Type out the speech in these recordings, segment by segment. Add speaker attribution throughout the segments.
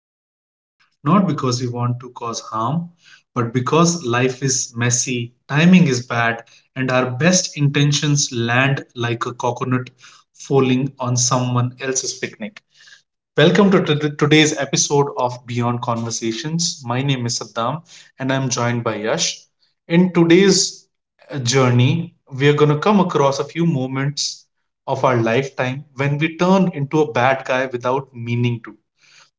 Speaker 1: Accident, not because we want to cause harm, but because life is messy, timing is bad, and our best intentions land like a coconut falling on someone else's picnic. Welcome to today's episode of Beyond Conversations. My name is Saddam and I'm joined by Yash. In today's journey, we are going to come across a few moments of our lifetime when we turn into a bad guy without meaning to.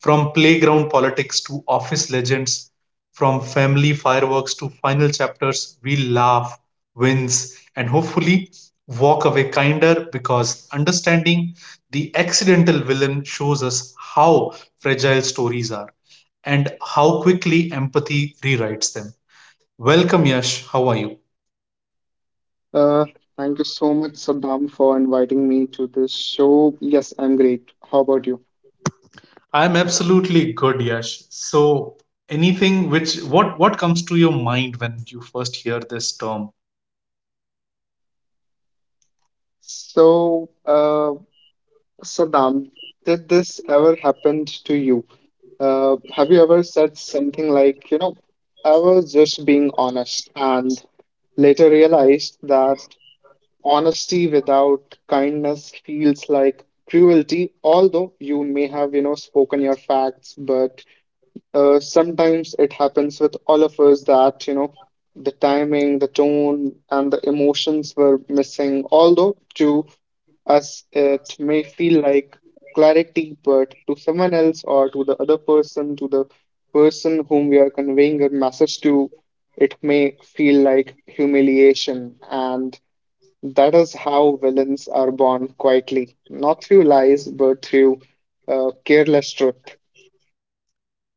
Speaker 1: From playground politics to office legends, from family fireworks to final chapters, we laugh, wins, and hopefully walk away kinder because understanding the accidental villain shows us how fragile stories are and how quickly empathy rewrites them. Welcome, Yash. How are you?
Speaker 2: Uh, Thank you so much, Saddam, for inviting me to this show. Yes, I'm great. How about you?
Speaker 1: I'm absolutely good, Yash. So, anything which what comes to your mind when you first hear this term?
Speaker 2: So, Saddam, did this ever happen to you? Have you ever said something like, I was just being honest, and later realized that honesty without kindness feels like cruelty? Although you may have, spoken your facts, but sometimes it happens with all of us that the timing, the tone, and the emotions were missing. Although to us it may feel like clarity, but to someone else, or to the other person, to the person whom we are conveying a message to, it may feel like humiliation, and that is how villains are born quietly, not through lies but through careless truth.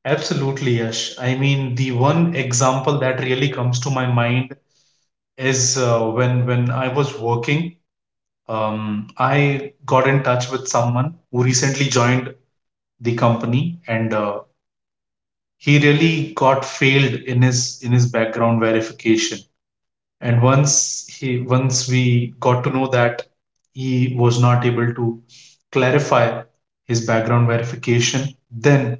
Speaker 1: Absolutely, Yash. I mean, the one example that really comes to my mind is when I was working, I got in touch with someone who recently joined the company, and he really got failed in his background verification. And once we got to know that he was not able to clarify his background verification, then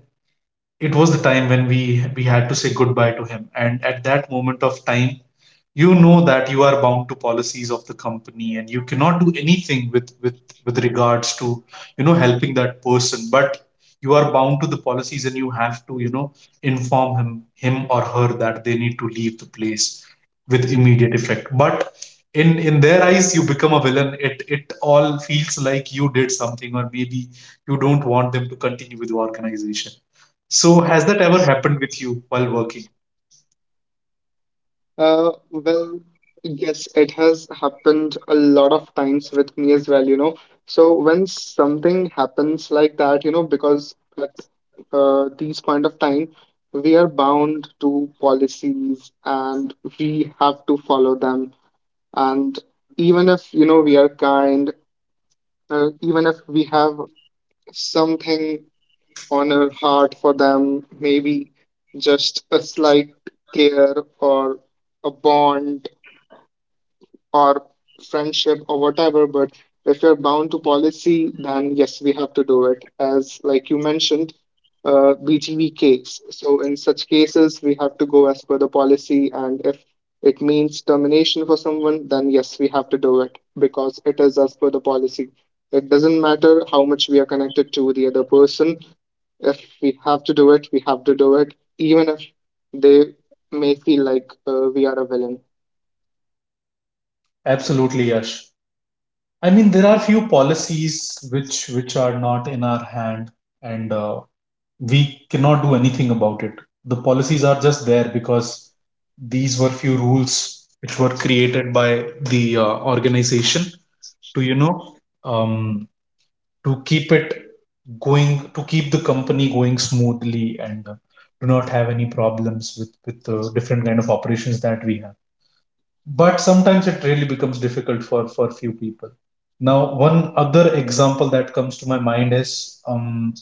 Speaker 1: it was the time when we had to say goodbye to him. And at that moment of time, you know that you are bound to policies of the company, and you cannot do anything with regards to, you know, helping that person. But you are bound to the policies, and you have to, you know, inform him or her that they need to leave the place with immediate effect. But in their eyes, you become a villain. It all feels like you did something, or maybe you don't want them to continue with the organization. So has that ever happened with you while working?
Speaker 2: Well, yes, it has happened a lot of times with me as well, you know. So when something happens like that, you know, because at these point of time, we are bound to policies and we have to follow them. And even if, you know, we are kind, even if we have something on our heart for them, maybe just a slight care, or a bond, or friendship, or whatever. But if you're bound to policy, then yes, we have to do it. As like you mentioned, BTV case. So in such cases, we have to go as per the policy, and if it means termination for someone, then yes, we have to do it because it is as per the policy. It doesn't matter how much we are connected to the other person. If we have to do it, we have to do it, even if they may feel like we are a villain.
Speaker 1: Absolutely, Yash. I mean, there are few policies which are not in our hand, and we cannot do anything about it. The policies are just there because these were few rules which were created by the organization to, you know, um, to keep it going, to keep the company going smoothly, and to not have any problems with the different kind of operations that we have. But sometimes it really becomes difficult for few people. Now one other example that comes to my mind is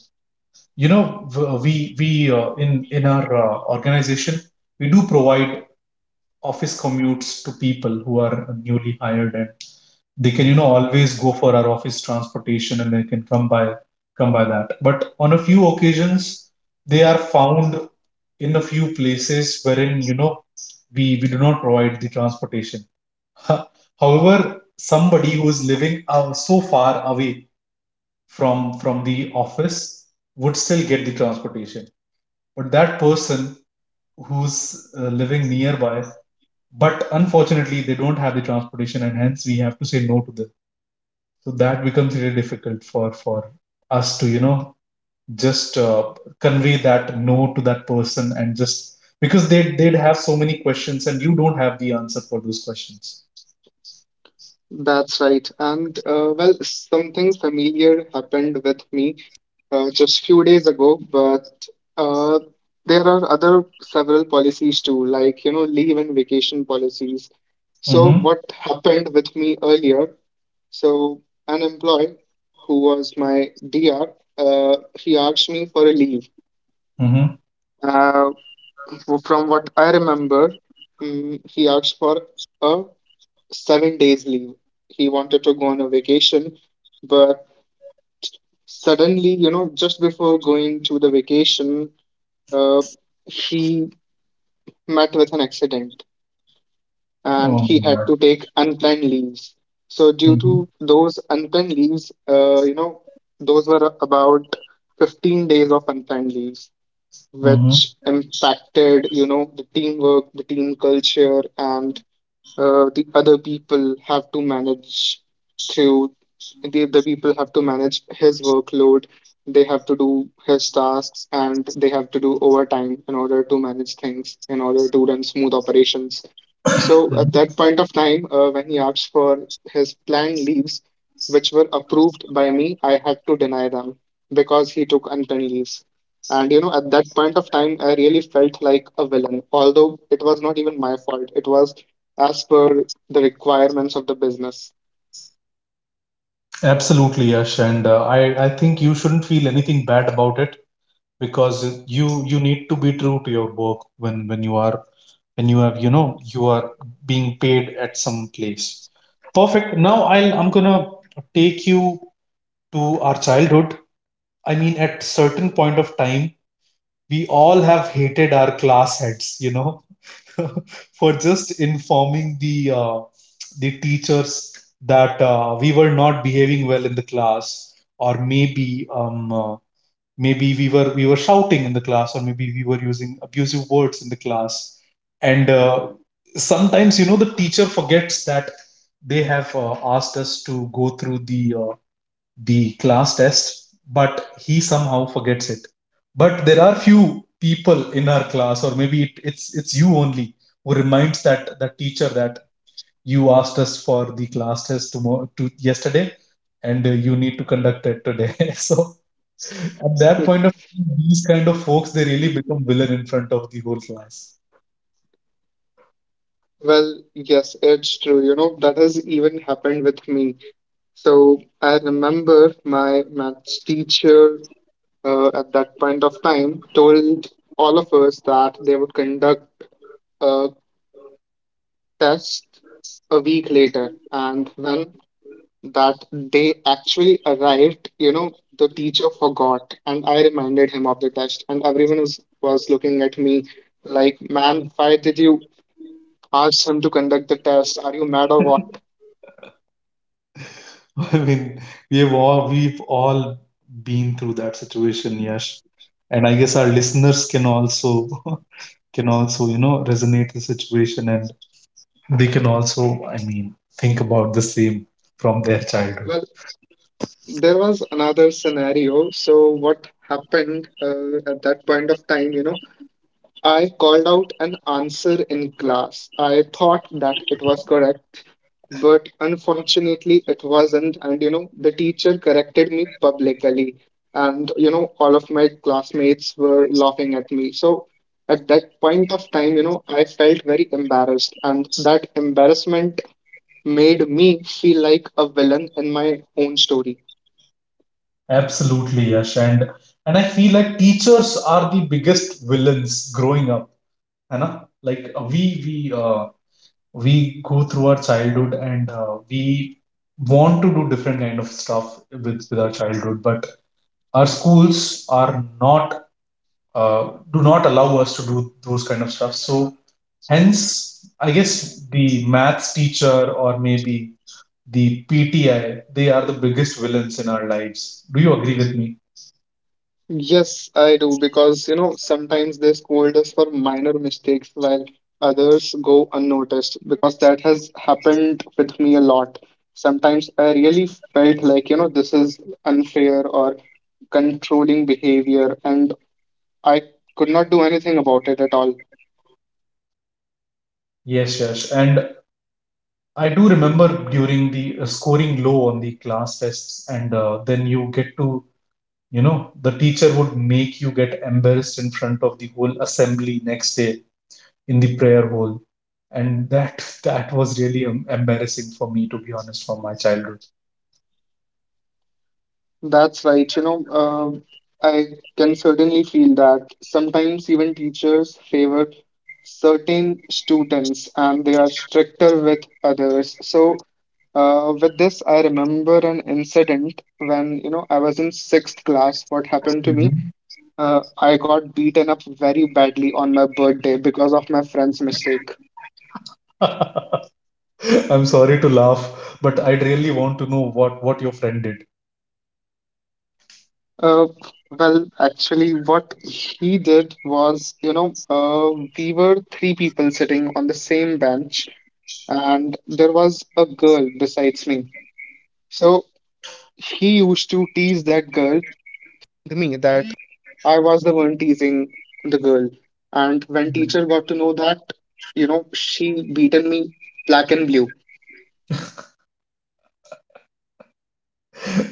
Speaker 1: you know we, in our organization, we do provide office commutes to people who are newly hired, and they can, you know, always go for our office transportation, and they can come by that. But on a few occasions they are found in a few places wherein, you know, we do not provide the transportation. Ho- However, somebody who is living so far away from the office would still get the transportation. But that person who's living nearby, but unfortunately they don't have the transportation, and hence we have to say no to them. So that becomes really difficult for us to, you know, just convey that no to that person, and just because they they'd have so many questions and you don't have the answer for those questions.
Speaker 2: That's right. And well, something familiar happened with me just few days ago. But uh, there are other several policies too, like you know, leave and vacation policies. So
Speaker 1: Mm-hmm.
Speaker 2: what happened with me earlier? So an employee who was my DR, he asked me for a leave.
Speaker 1: Mm-hmm.
Speaker 2: Uh, from what I remember, he asked for a 7 days leave. He wanted to go on a vacation, but suddenly, you know, just before going to the vacation, uh, he met with an accident and
Speaker 1: Oh my
Speaker 2: he had
Speaker 1: God.
Speaker 2: to take unplanned leaves. So, due to
Speaker 1: Mm-hmm.
Speaker 2: those unplanned leaves, you know, those were about 15 days of unplanned leaves,
Speaker 1: Hmm.
Speaker 2: which impacted, you know, the teamwork, the team culture, and uh, the other people have to manage through the other people have to manage his workload. They have to do his tasks, and they have to do overtime in order to manage things, in order to run smooth operations. So at
Speaker 1: Hmm.
Speaker 2: that point of time, when he asked for his planned leaves, which were approved by me, I had to deny them because he took unplanned leaves. And you know, at that point of time, I really felt like a villain, although it was not even my fault. It was as per the requirements of the business.
Speaker 1: Absolutely, Yash, and I think you shouldn't feel anything bad about it, because you need to be true to your work when you are when you have, you know, you are being paid at some place. Perfect. Now I'm gonna take you to our childhood. I mean, at certain point of time, we all have hated our class heads, you know, for just informing the teachers that we were not behaving well in the class, or maybe maybe we were shouting in the class, or maybe we were using abusive words in the class. And sometimes, you know, the teacher forgets that they have asked us to go through the class test, but he somehow forgets it. But there are few people in our class, or maybe it's you only who reminds that teacher that you asked us for the class test tomorrow to yesterday, and you need to conduct it today. So at that point of time, these kind of folks, they really become villain in front of the whole class.
Speaker 2: Well, yes, it's true. You know, that has even happened with me. So I remember my maths teacher, at that point of time, told all of us that they would conduct a test a week later. And when that day actually arrived, you know, the teacher forgot, and I reminded him of the test, and everyone was looking at me like, man, why did you ask him to conduct the test? Are you mad or what?
Speaker 1: I mean, we've all been through that situation, Yash. And I guess our listeners can also can also, you know, resonate the situation, and they can also, I mean, think about the same from their childhood.
Speaker 2: Well, there was another scenario. So, what happened at that point of time, you know, I called out an answer in class. I thought that it was correct, but unfortunately it wasn't. And you know, the teacher corrected me publicly, and you know, all of my classmates were laughing at me. So at that point of time, you know, I felt very embarrassed, and that embarrassment made me feel like a villain in my own story.
Speaker 1: Absolutely, Yash. And I feel like teachers are the biggest villains growing up, you know, like we go through our childhood, and we want to do different kind of stuff with our childhood, but our schools are not uh, do not allow us to do those kind of stuff. So hence, I guess the maths teacher, or maybe the PTI, they are the biggest villains in our lives. Do you agree with me?
Speaker 2: Yes, I do, because you know sometimes they scold us for minor mistakes while others go unnoticed. Because that has happened with me a lot. Sometimes I really felt like, you know, this is unfair or controlling behavior, and I could not do anything about it at all.
Speaker 1: Yes, yes. And I do remember during the scoring low on the class tests, and then you get to, you know, the teacher would make you get embarrassed in front of the whole assembly next day in the prayer hall. And that that was really embarrassing for me, to be honest, from my childhood.
Speaker 2: That's right. You know, um, I can certainly feel that sometimes even teachers favor certain students and they are stricter with others. So, with this, I remember an incident when, you know, I was in sixth class. What happened to me?
Speaker 1: Mhm.
Speaker 2: I got beaten up very badly on my birthday because of my friend's mistake.
Speaker 1: I'm sorry to laugh, but I'd really want to know what your friend did.
Speaker 2: Uh, well, actually, what he did was, you know, we were three people sitting on the same bench, and there was a girl besides me. So he used to tease that.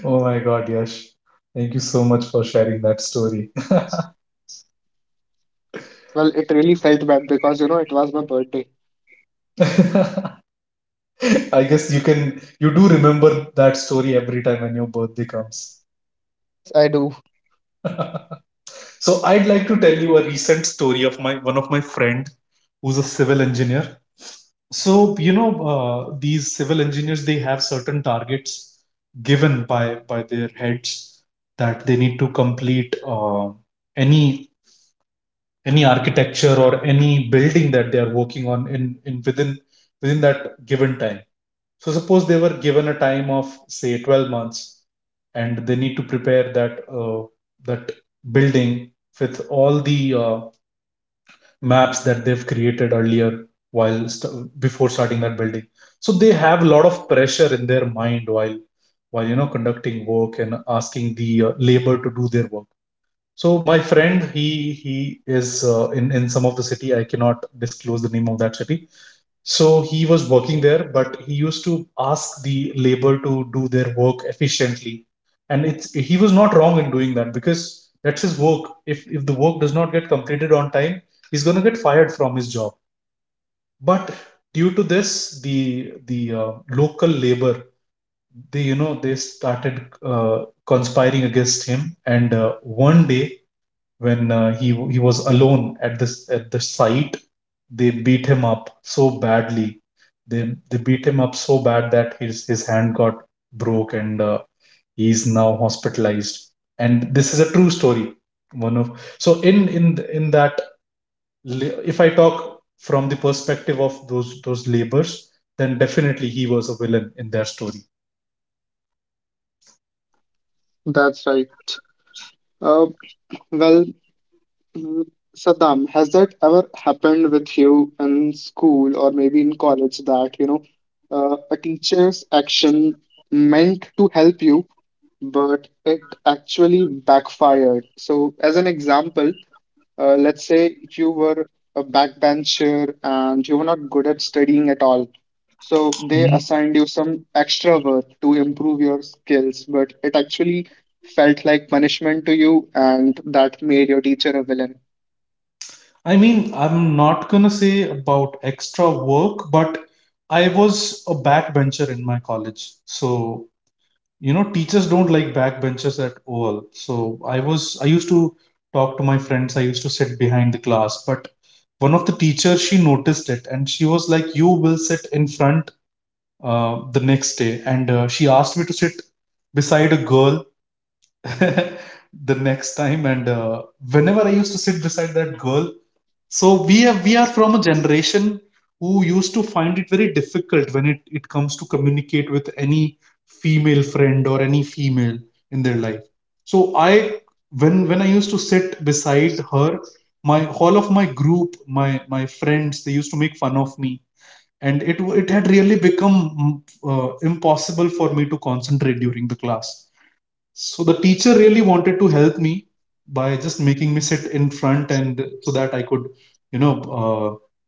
Speaker 1: Oh my God, Yash. Thank you so much for sharing that story.
Speaker 2: Really felt bad because you know it was my birthday.
Speaker 1: I guess you can you do remember that story every time when your birthday comes.
Speaker 2: I do.
Speaker 1: So I'd like to tell you a recent story of my one of my friend who's a civil engineer. So, you know, these civil engineers, they have certain targets given by their heads that they need to complete any any architecture or any building that they are working on in within within that given time. So suppose they were given a time of say 12 months, and they need to prepare that building with all the maps that they've created earlier while before starting that building. So they have a lot of pressure in their mind while you know conducting work and asking the labor to do their work. So my friend, he is in some of the city. I cannot disclose the name of that city. So he was working there, but he used to ask the labor to do their work efficiently, and it's he was not wrong in doing that, because that's his work. If the work does not get completed on time, he's going to get fired from his job. But due to this, the local labor, they, you know, they started conspiring against him, and one day when he was alone at this at the site, they beat him up so badly. they they beat him up so bad that his hand got broke, and he is now hospitalized. And this is a true story. One of so In that, if I talk from the perspective of those labors, then definitely he was a villain in their story.
Speaker 2: That's right. Uh, well, mm, Saddam, has that ever happened with you in school or maybe in college that, you know, a teacher's action meant to help you, but it actually backfired? So, as an example, let's say you were a backbencher and you were not good at studying at all. So they assigned you some extra work to improve your skills, but it actually felt like punishment to you, and that made your teacher a villain.
Speaker 1: I mean, I'm not gonna say about extra work, but I was a backbencher in my college. So, you know, teachers don't like backbenchers at all. So I used to talk to my friends, I used to sit behind the class, but one of the teachers, she noticed it, and she was like, you will sit in front the next day. And she asked me to sit beside a girl the next time. And whenever I used to sit beside that girl, so we are from a generation who used to find it very difficult when it comes to communicate with any female friend or any female in their life. So I when I used to sit beside her, my all of my group, my friends, they used to make fun of me, and it had really become impossible for me to concentrate during the class. So the teacher really wanted to help me by just making me sit in front, and so that I could, you know,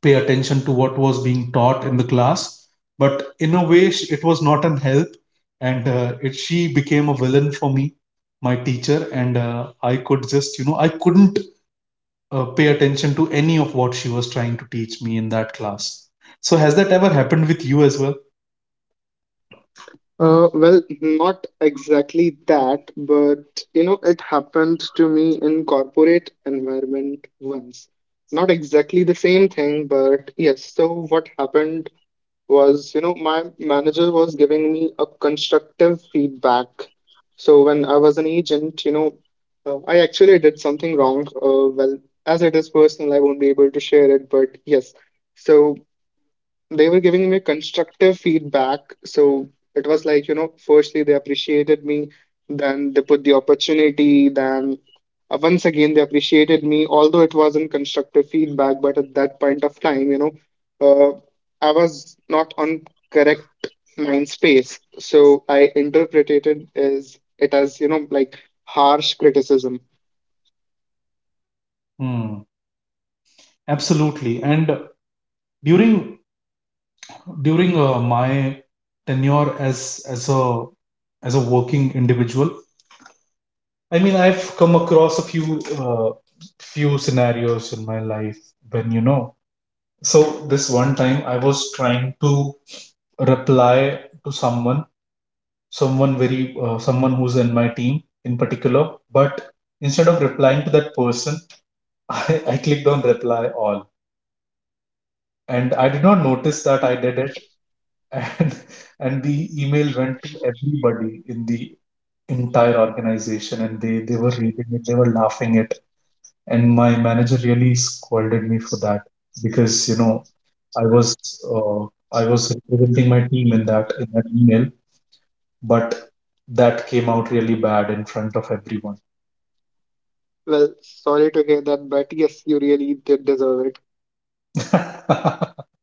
Speaker 1: pay attention to what was being taught in the class. But in a way, it was not an help, and it she became a villain for me, my teacher, and I could just, you know, I couldn't pay attention to any of what she was trying to teach me in that class. So has that ever happened with you as well?
Speaker 2: Well, not exactly that, but you know, it happened to me in corporate environment once. Not exactly the same thing, but yes. So what happened was, you know, my manager was giving me a constructive feedback. So when I was an agent, you know, I actually did something wrong. Well, as it is personal, I won't be able to share it, but yes. So they were giving me constructive feedback. So it was like, you know, firstly, they appreciated me, then they put the opportunity, then once again, they appreciated me, although it wasn't constructive feedback. But at that point of time, you know, I was not on correct mind space. So I interpreted as it as, you know, like harsh criticism.
Speaker 1: Hmm. Absolutely. And during during my tenure as a working individual, I mean, I've come across a few scenarios in my life, when. So this one time, I was trying to reply to someone, someone very someone who's in my team in particular, but instead of replying to that person, I clicked on reply all, and I did not notice that I did, and and the email went to everybody in the entire organization. And they were reading it, they were laughing it, and my manager really scolded me for that because, you know, I was, uh, I was representing my team in that email, but that came out really bad in front of everyone.
Speaker 2: Well, sorry to hear that, but yes, you really did deserve it.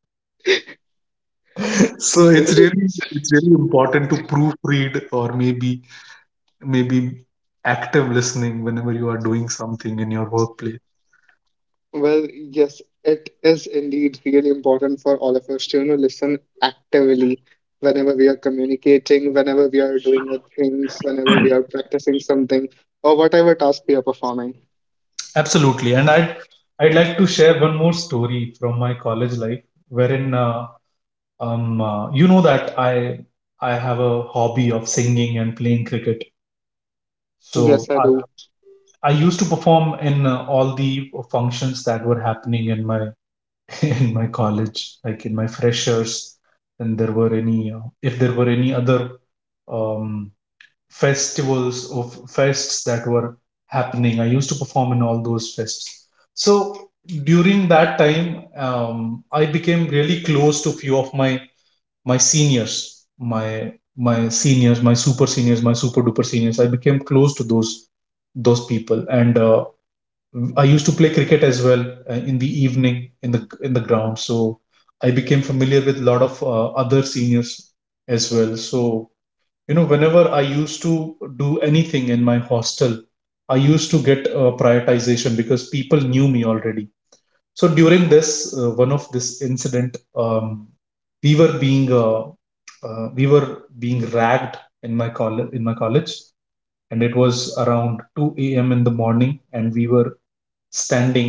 Speaker 1: So it's
Speaker 2: Well,
Speaker 1: really it's really important to proofread, or maybe maybe active listening whenever you are doing something in your workplace.
Speaker 2: well, yes, it is indeed really important for all of us to, you know, listen actively whenever we are communicating, whenever we are doing our things, whenever we are practicing something, or whatever task we are performing.
Speaker 1: Absolutely. And I'd like to share one more story from my college life wherein, you know that I have a hobby of singing and playing cricket. So
Speaker 2: Yes, I do.
Speaker 1: I used to perform in, all the functions that were happening in my in my college, like in my freshers. And there were any if there were any other, um, festivals of fests that were happening, I used to perform in all those fests. So during that time, I became really close to few of my seniors, my seniors, my super duper seniors. I became close to those people, and I used to play cricket as well, in the evening, in the ground. So I became familiar with a lot of, other seniors as well. So, whenever I used to do anything in my hostel, I used to get a prioritization because people knew me already. So during this, one of this incident, um, we were being uh, we were being ragged in my college, and it was around 2 a.m. in the morning and we were standing.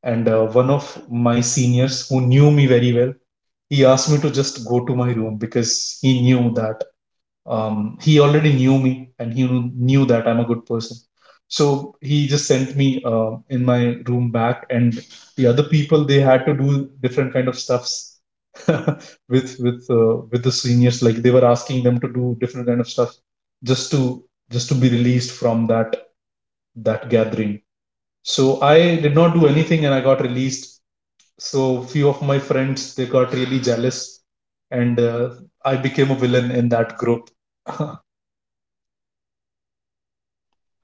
Speaker 1: And one of my seniors who knew me very well, he asked me to just go to my room because he knew that, he already knew me, and he knew that I'm a good person. So he just sent me, in my room back, and the other people, they had to do different kind of stuffs with the seniors. Like, they were asking them to do different kind of stuff just to be released from that gathering. So I did not do anything, and I got released. So few of my friends, they got really jealous, and I became a villain in that group.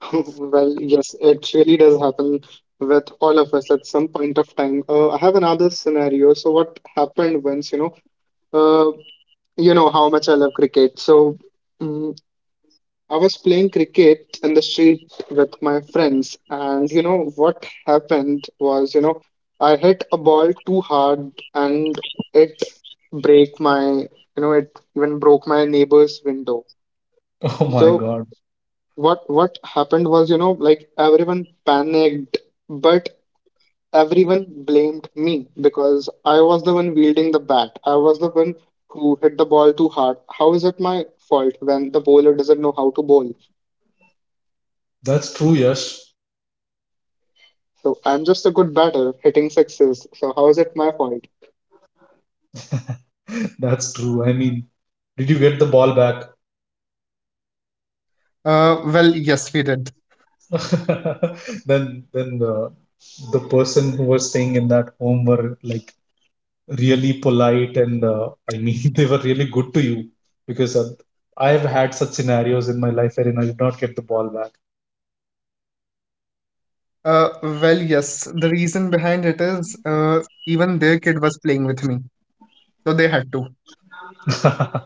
Speaker 2: Well, yes, it really does happen with all of us at some point of time. I have another scenario. So what happened once, uh, you know how much I love cricket. So mm, I was playing cricket in the street with my friends, and you know what happened was, you know, I hit a ball too hard and it break my, you know, it even broke my neighbor's window.
Speaker 1: Oh my
Speaker 2: So
Speaker 1: God.
Speaker 2: what happened was, you know, like everyone panicked, but everyone blamed me because I was the one wielding the bat. I was the one who hit the ball too hard. How is it my fault when the bowler doesn't know how to bowl?
Speaker 1: That's true, Yash.
Speaker 2: So I'm just a good batter hitting sixes. So how is it my fault?
Speaker 1: That's true. I mean, did you get the ball back?
Speaker 2: Well, yes, we did.
Speaker 1: Then then the person who was staying in that home were like really polite, and I mean they were really good to you because, I have had such scenarios in my life wherein I did not get the ball
Speaker 2: Well, yes. The reason behind it is, even their kid was playing with me, so they had to.
Speaker 1: back.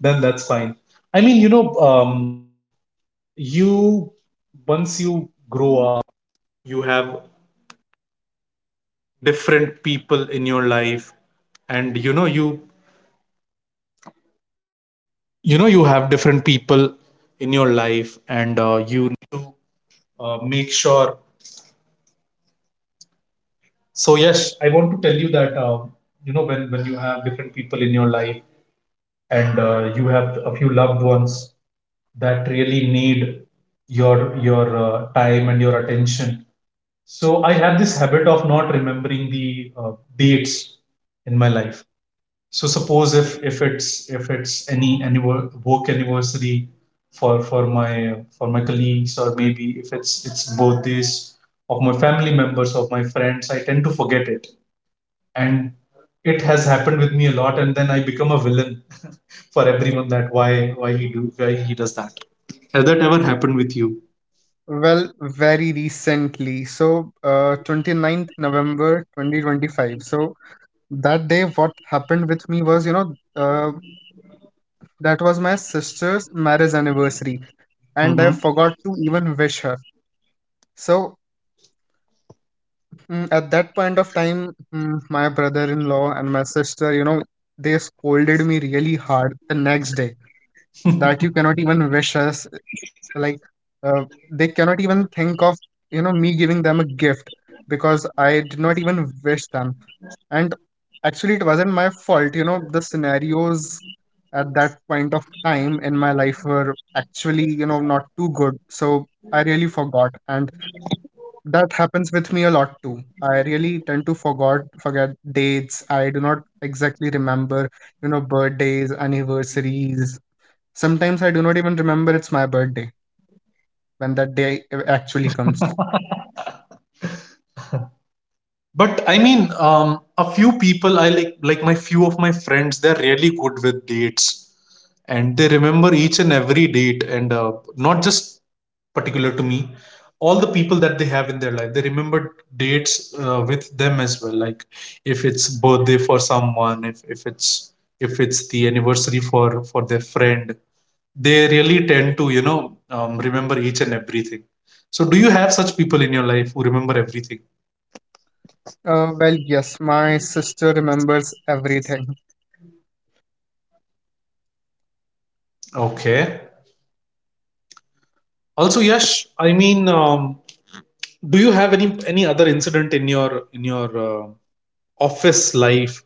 Speaker 1: Then that's fine. I mean, you know, you once you so yes, I want to tell you that, you know, when you have different people in your life, and you have a few loved ones that really need your, time and your attention. So I have this habit of not remembering the, dates in my life. So suppose if it's any work anniversary for my colleagues, or maybe if it's birthdays of my family members, of my friends, I tend to forget it, and it has happened with me a lot, and then I become a villain for everyone. That why he do why he does that? Has that ever happened with you?
Speaker 2: Well, very recently, so ninth November 2025. So that day, what happened with me was, you know, that was my sister's marriage anniversary, and I
Speaker 1: Mm-hmm.
Speaker 2: forgot to even wish her. So at that point of time, my brother-in-law and my sister, you know, they scolded me really hard the next day that you cannot even wish us, like, they cannot even think of, you know, me giving them a gift because I did not even wish them. And actually, it wasn't my fault, you know. The scenarios at that point of time in my life were actually, you know, not too good. So I really forgot. And that happens with me a lot too. I really tend to forgot forget dates. I do not exactly remember, you know, birthdays, anniversaries. Sometimes I do not even remember it's my birthday when that day actually comes.
Speaker 1: But I mean, a few people I like my few of my friends, they're really good with dates, and they remember each and every date, and not just particular to me, all the people that they have in their life, they remember dates, with them as well. Like, if it's birthday for someone, if it's the anniversary for their friend, they really tend to, remember each and everything. So, do you have such people in your life who remember everything?
Speaker 2: Well, yes, my sister remembers everything.
Speaker 1: Okay. Also, Yash, I mean, do you have any other incident in your office life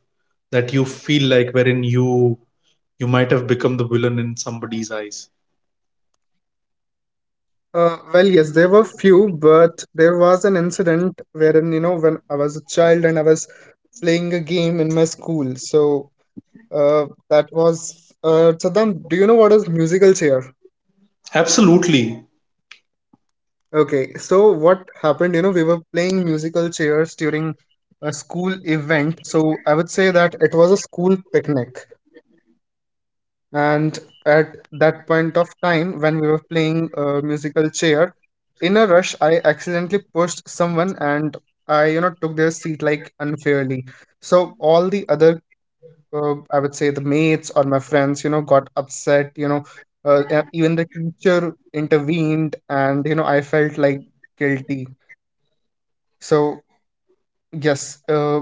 Speaker 1: that you feel like wherein you might have become the villain in somebody's eyes?
Speaker 2: Well, yes, there were few, but there was an incident wherein, you know, when I was a child and I was playing a game in my school. So, that was, Saddam, do you know what is musical chair?
Speaker 1: Absolutely.
Speaker 2: Okay, so what happened, you know, we were playing musical chairs during a school event. So I would say that it was a school picnic. And at that point of time, when we were playing a musical chair, in a rush, I accidentally pushed someone, and I, you know, took their seat like unfairly. So all the other, I would say the mates or my friends, got upset, even the teacher intervened and I felt like guilty. So, yes,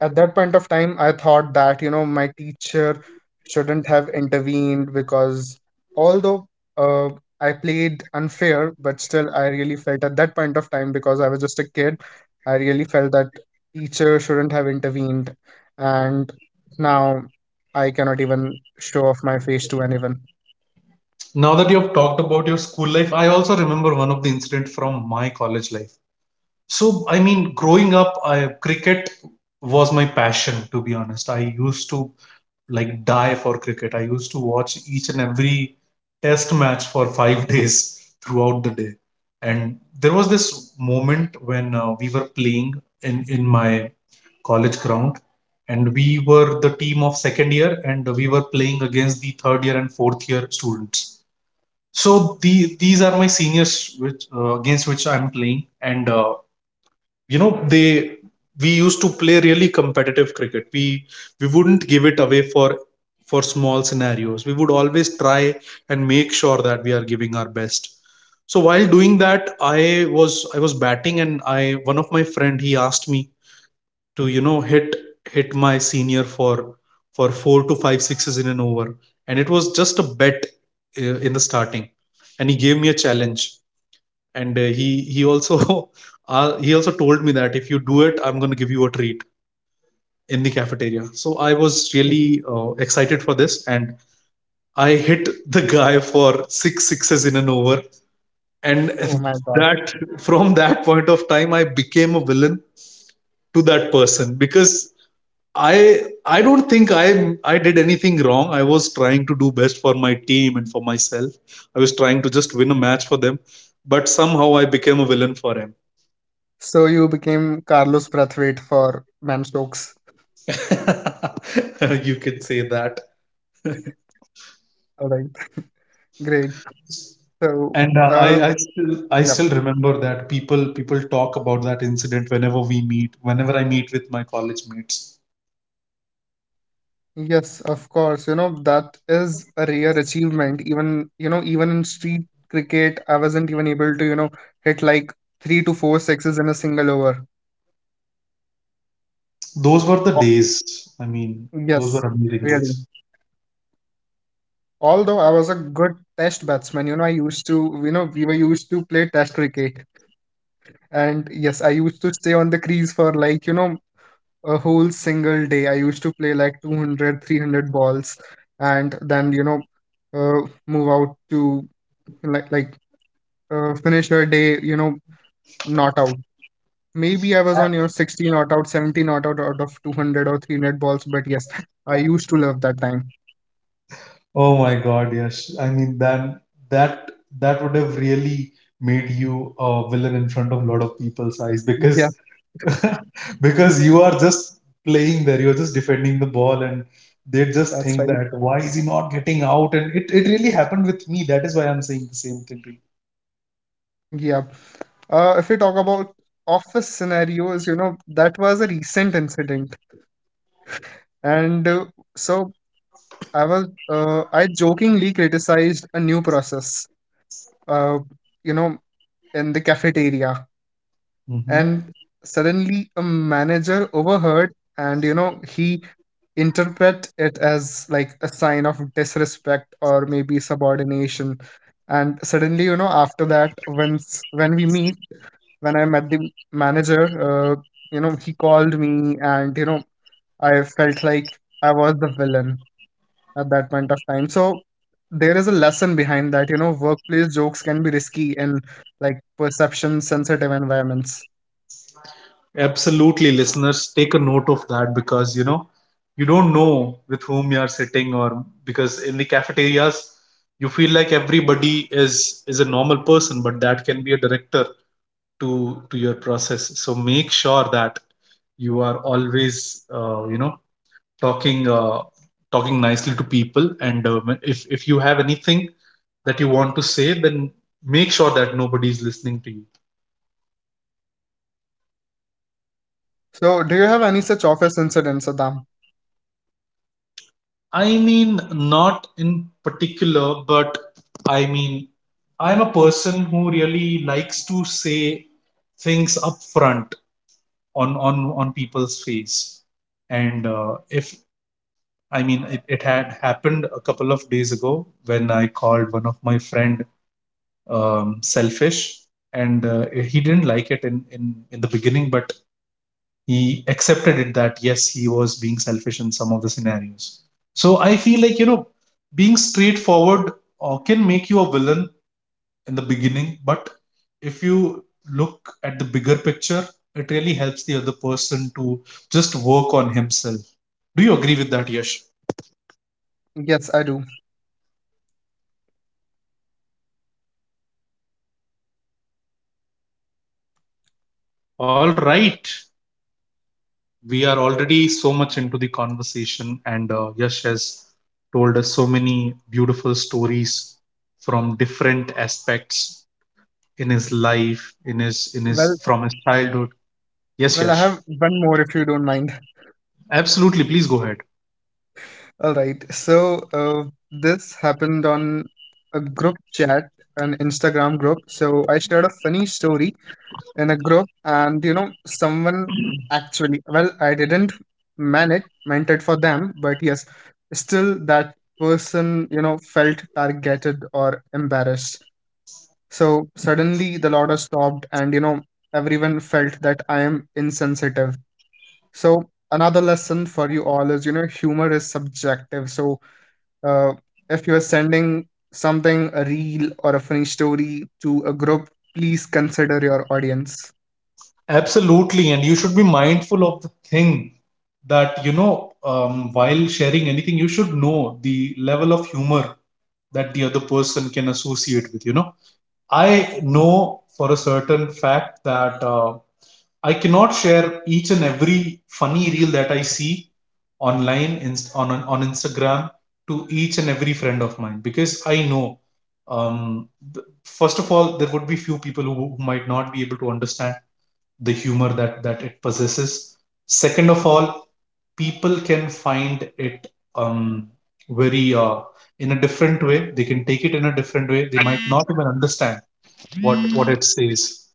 Speaker 2: at that point of time, I thought that my teacher shouldn't have intervened because although uh, I played unfair, but still I really felt at that point of time, because I was just a kid, I really felt that teacher shouldn't have intervened. And now I cannot even show off my face to anyone.
Speaker 1: Now that you have talked about your school life, I also remember one of the incident from my college life. So, I mean, growing up, cricket was my passion. To be honest, I used to like die for cricket. I used to watch each and every test match for 5 days throughout the day. And there was this moment when, we were playing in my college ground, and we were the team of second year, and we were playing against the third year and fourth year students. So, these are my seniors which, against which I'm playing, and you know, they we used to play really competitive cricket. We wouldn't give it away for small scenarios. We would always try and make sure that we are giving our best. So while doing that, I was batting, and I one of my friend, he asked me to, hit my senior for four to five sixes in an over. And it was just a bet, in the starting, and he gave me a challenge, and he also he also told me that if you do it, I'm going to give you a treat in the cafeteria. So I was really, excited for this, and I hit the guy for six sixes in an over. And
Speaker 2: Oh my God.
Speaker 1: that— from that point of time, I became a villain to that person because i I don't think I did anything wrong. I was trying to do best for my team and for myself. I was trying to just win a match for them, but somehow I became a villain for him.
Speaker 2: So you became Carlos Brathwaite for Man Stokes.
Speaker 1: You can say that.
Speaker 2: All right, great. So,
Speaker 1: And
Speaker 2: uh,
Speaker 1: I, I still i
Speaker 2: yeah.
Speaker 1: still remember that people talk about that incident whenever we meet, whenever I meet with my college mates.
Speaker 2: Yes, of course. That is a rare achievement. Even in street cricket, I wasn't even able to hit like 3 to 4 sixes in a single over.
Speaker 1: Those were the
Speaker 2: Oh,
Speaker 1: days. I mean, those were
Speaker 2: yes,
Speaker 1: amazing days.
Speaker 2: really. Although I was a good test batsman, I used to, we were used to play test cricket. And yes, I used to stay on the crease for like, a whole single day. I used to play like 200, 300 balls and then, move out to like finish your day, not out. Maybe I was on your 60 not out, 70 not out out of 200 or 300 balls, but yes, I used to love that time.
Speaker 1: Oh my God, yes. I mean, then that would have really made you a villain in front of a lot of people's eyes because
Speaker 2: Yeah,
Speaker 1: because you are just playing there, you're just defending the ball, and they just
Speaker 2: that's
Speaker 1: think
Speaker 2: right.
Speaker 1: that, why is he not getting out? And it really happened with me, that is why I'm saying the same thing to you.
Speaker 2: Yeah. If we talk about office scenarios, that was a recent incident. And so I jokingly criticized a new process, uh, you know, in the cafeteria.
Speaker 1: Mhm.
Speaker 2: And suddenly a manager overheard, and he interpret it as like a sign of disrespect or maybe subordination. And suddenly, after that, once when we meet when I met the manager, uh, he called me, and I felt like I was the villain at that point of time. So there is a lesson behind that, workplace jokes can be risky in like perception sensitive environments.
Speaker 1: Absolutely, listeners, take a note of that because, you know, you don't know with whom you are sitting, or— because in the cafeterias you feel like everybody is is a normal person, but that can be a director to your process. So make sure that you are always, uh, you know talking, talking nicely to people, and if you have anything that you want to say, then make sure that nobody is listening to you.
Speaker 2: Indeed. So, do you have any such office incidents, Saddam?
Speaker 1: I mean, not in particular, but I mean, I'm a person who really likes to say things up front, on on people's face, and if I mean, it had happened a couple of days ago when I called one of my friend, selfish, and he didn't like it in the beginning, but he accepted it that yes, he was being selfish in some of the scenarios. So I feel like, being straightforward, can make you a villain in the beginning, but if you look at the bigger picture, it really helps the other person to just work on himself. Do you agree with that, Yash?
Speaker 2: Yes, I do.
Speaker 1: All right. We are already so much into the conversation, and Yash has told us so many beautiful stories from different aspects in his life, in his
Speaker 2: Well,
Speaker 1: from his childhood. Yes,
Speaker 2: well, I
Speaker 1: Yash,
Speaker 2: have one more if you don't mind.
Speaker 1: absolutely. Please go ahead.
Speaker 2: All right. So, this happened on a group chat, an Instagram group. So, I shared a funny story in a group, and someone actually, well, I didn't meant it for them, but yes, still that person, felt targeted or embarrassed. So suddenly the lauder stopped, and everyone felt that I am insensitive. So, another lesson for you all is humor is subjective. So, uh, if you are sending something, a reel or a funny story to a group, please consider your audience.
Speaker 1: Absolutely, and you should be mindful of the thing that, while sharing anything, you should know the level of humor that the other person can associate with. You know, I know for a certain fact that. I cannot share each and every funny reel that I see online, on Instagram, to each and every friend of mine, because I know, um, th- first of all, there would be few people who might not be able to understand the humor that it possesses. Second of all, people can find it, um, very, in a different way. They can take it in a different way. They might not even understand what it says.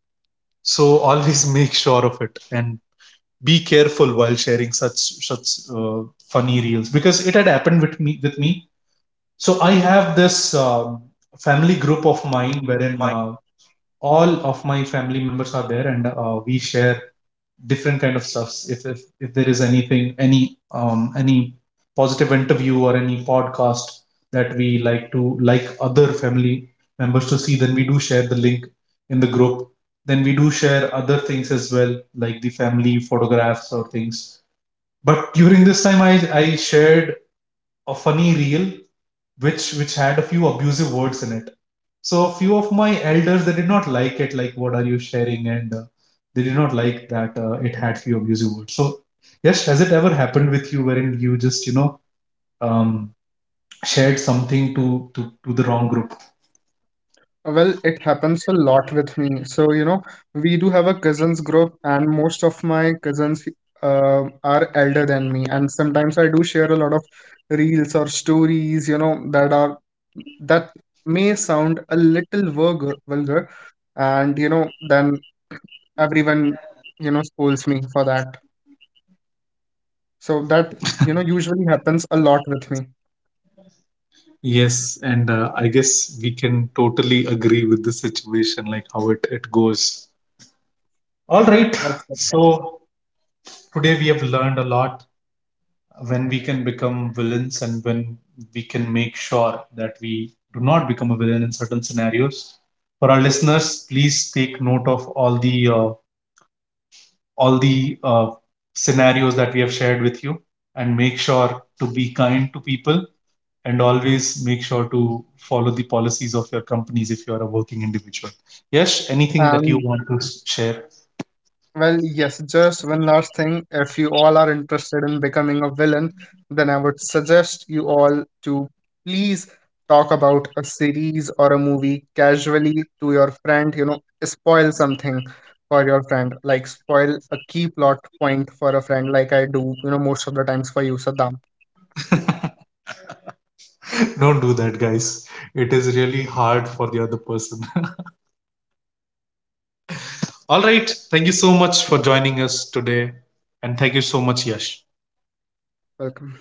Speaker 1: So always make sure of it, and be careful while sharing such uh, funny reels, because it had happened with me. So I have this family group of mine wherein, all of my family members are there, and we share different kind of stuffs. If there is anything, any positive interview or any podcast that we like to— like other family members to see, then we do share the link in the group. Then we do share other things as well, like the family photographs or things. But during this time, I shared a funny reel which had a few abusive words in it. So a few of my elders, they did not like it. Like, what are you sharing? And they did not like that, it had few abusive words. So, yes, has it ever happened with you wherein you just, um, shared something to the wrong group?
Speaker 2: Well, it happens a lot with me. So, we do have a cousins group, and most of my cousins are elder than me. And sometimes I do share a lot of reels or stories, that may sound a little vulgar, and then everyone, scolds me for that. So that, usually happens a lot with me.
Speaker 1: Yes, and I guess we can totally agree with the situation, like how it goes. All right.
Speaker 2: That's it.
Speaker 1: So today we have learned a lot when we can become villains and when we can make sure that we do not become a villain in certain scenarios. For our listeners, please take note of all the scenarios that we have shared with you, and make sure to be kind to people, and always make sure to follow the policies of your companies if you are a working individual. Yes, anything that you
Speaker 2: And
Speaker 1: want to share—
Speaker 2: well, yes, just one last thing. If you all are interested in becoming a villain, then I would suggest you all to please talk about a series or a movie casually to your friend, spoil something for your friend, like spoil a key plot point for a friend, like I do, most of the times for you, Saddam.
Speaker 1: don't do that, guys. It is really hard for the other person. All right. Thank you so much for joining us today. And thank you so much, Yash.
Speaker 2: Welcome.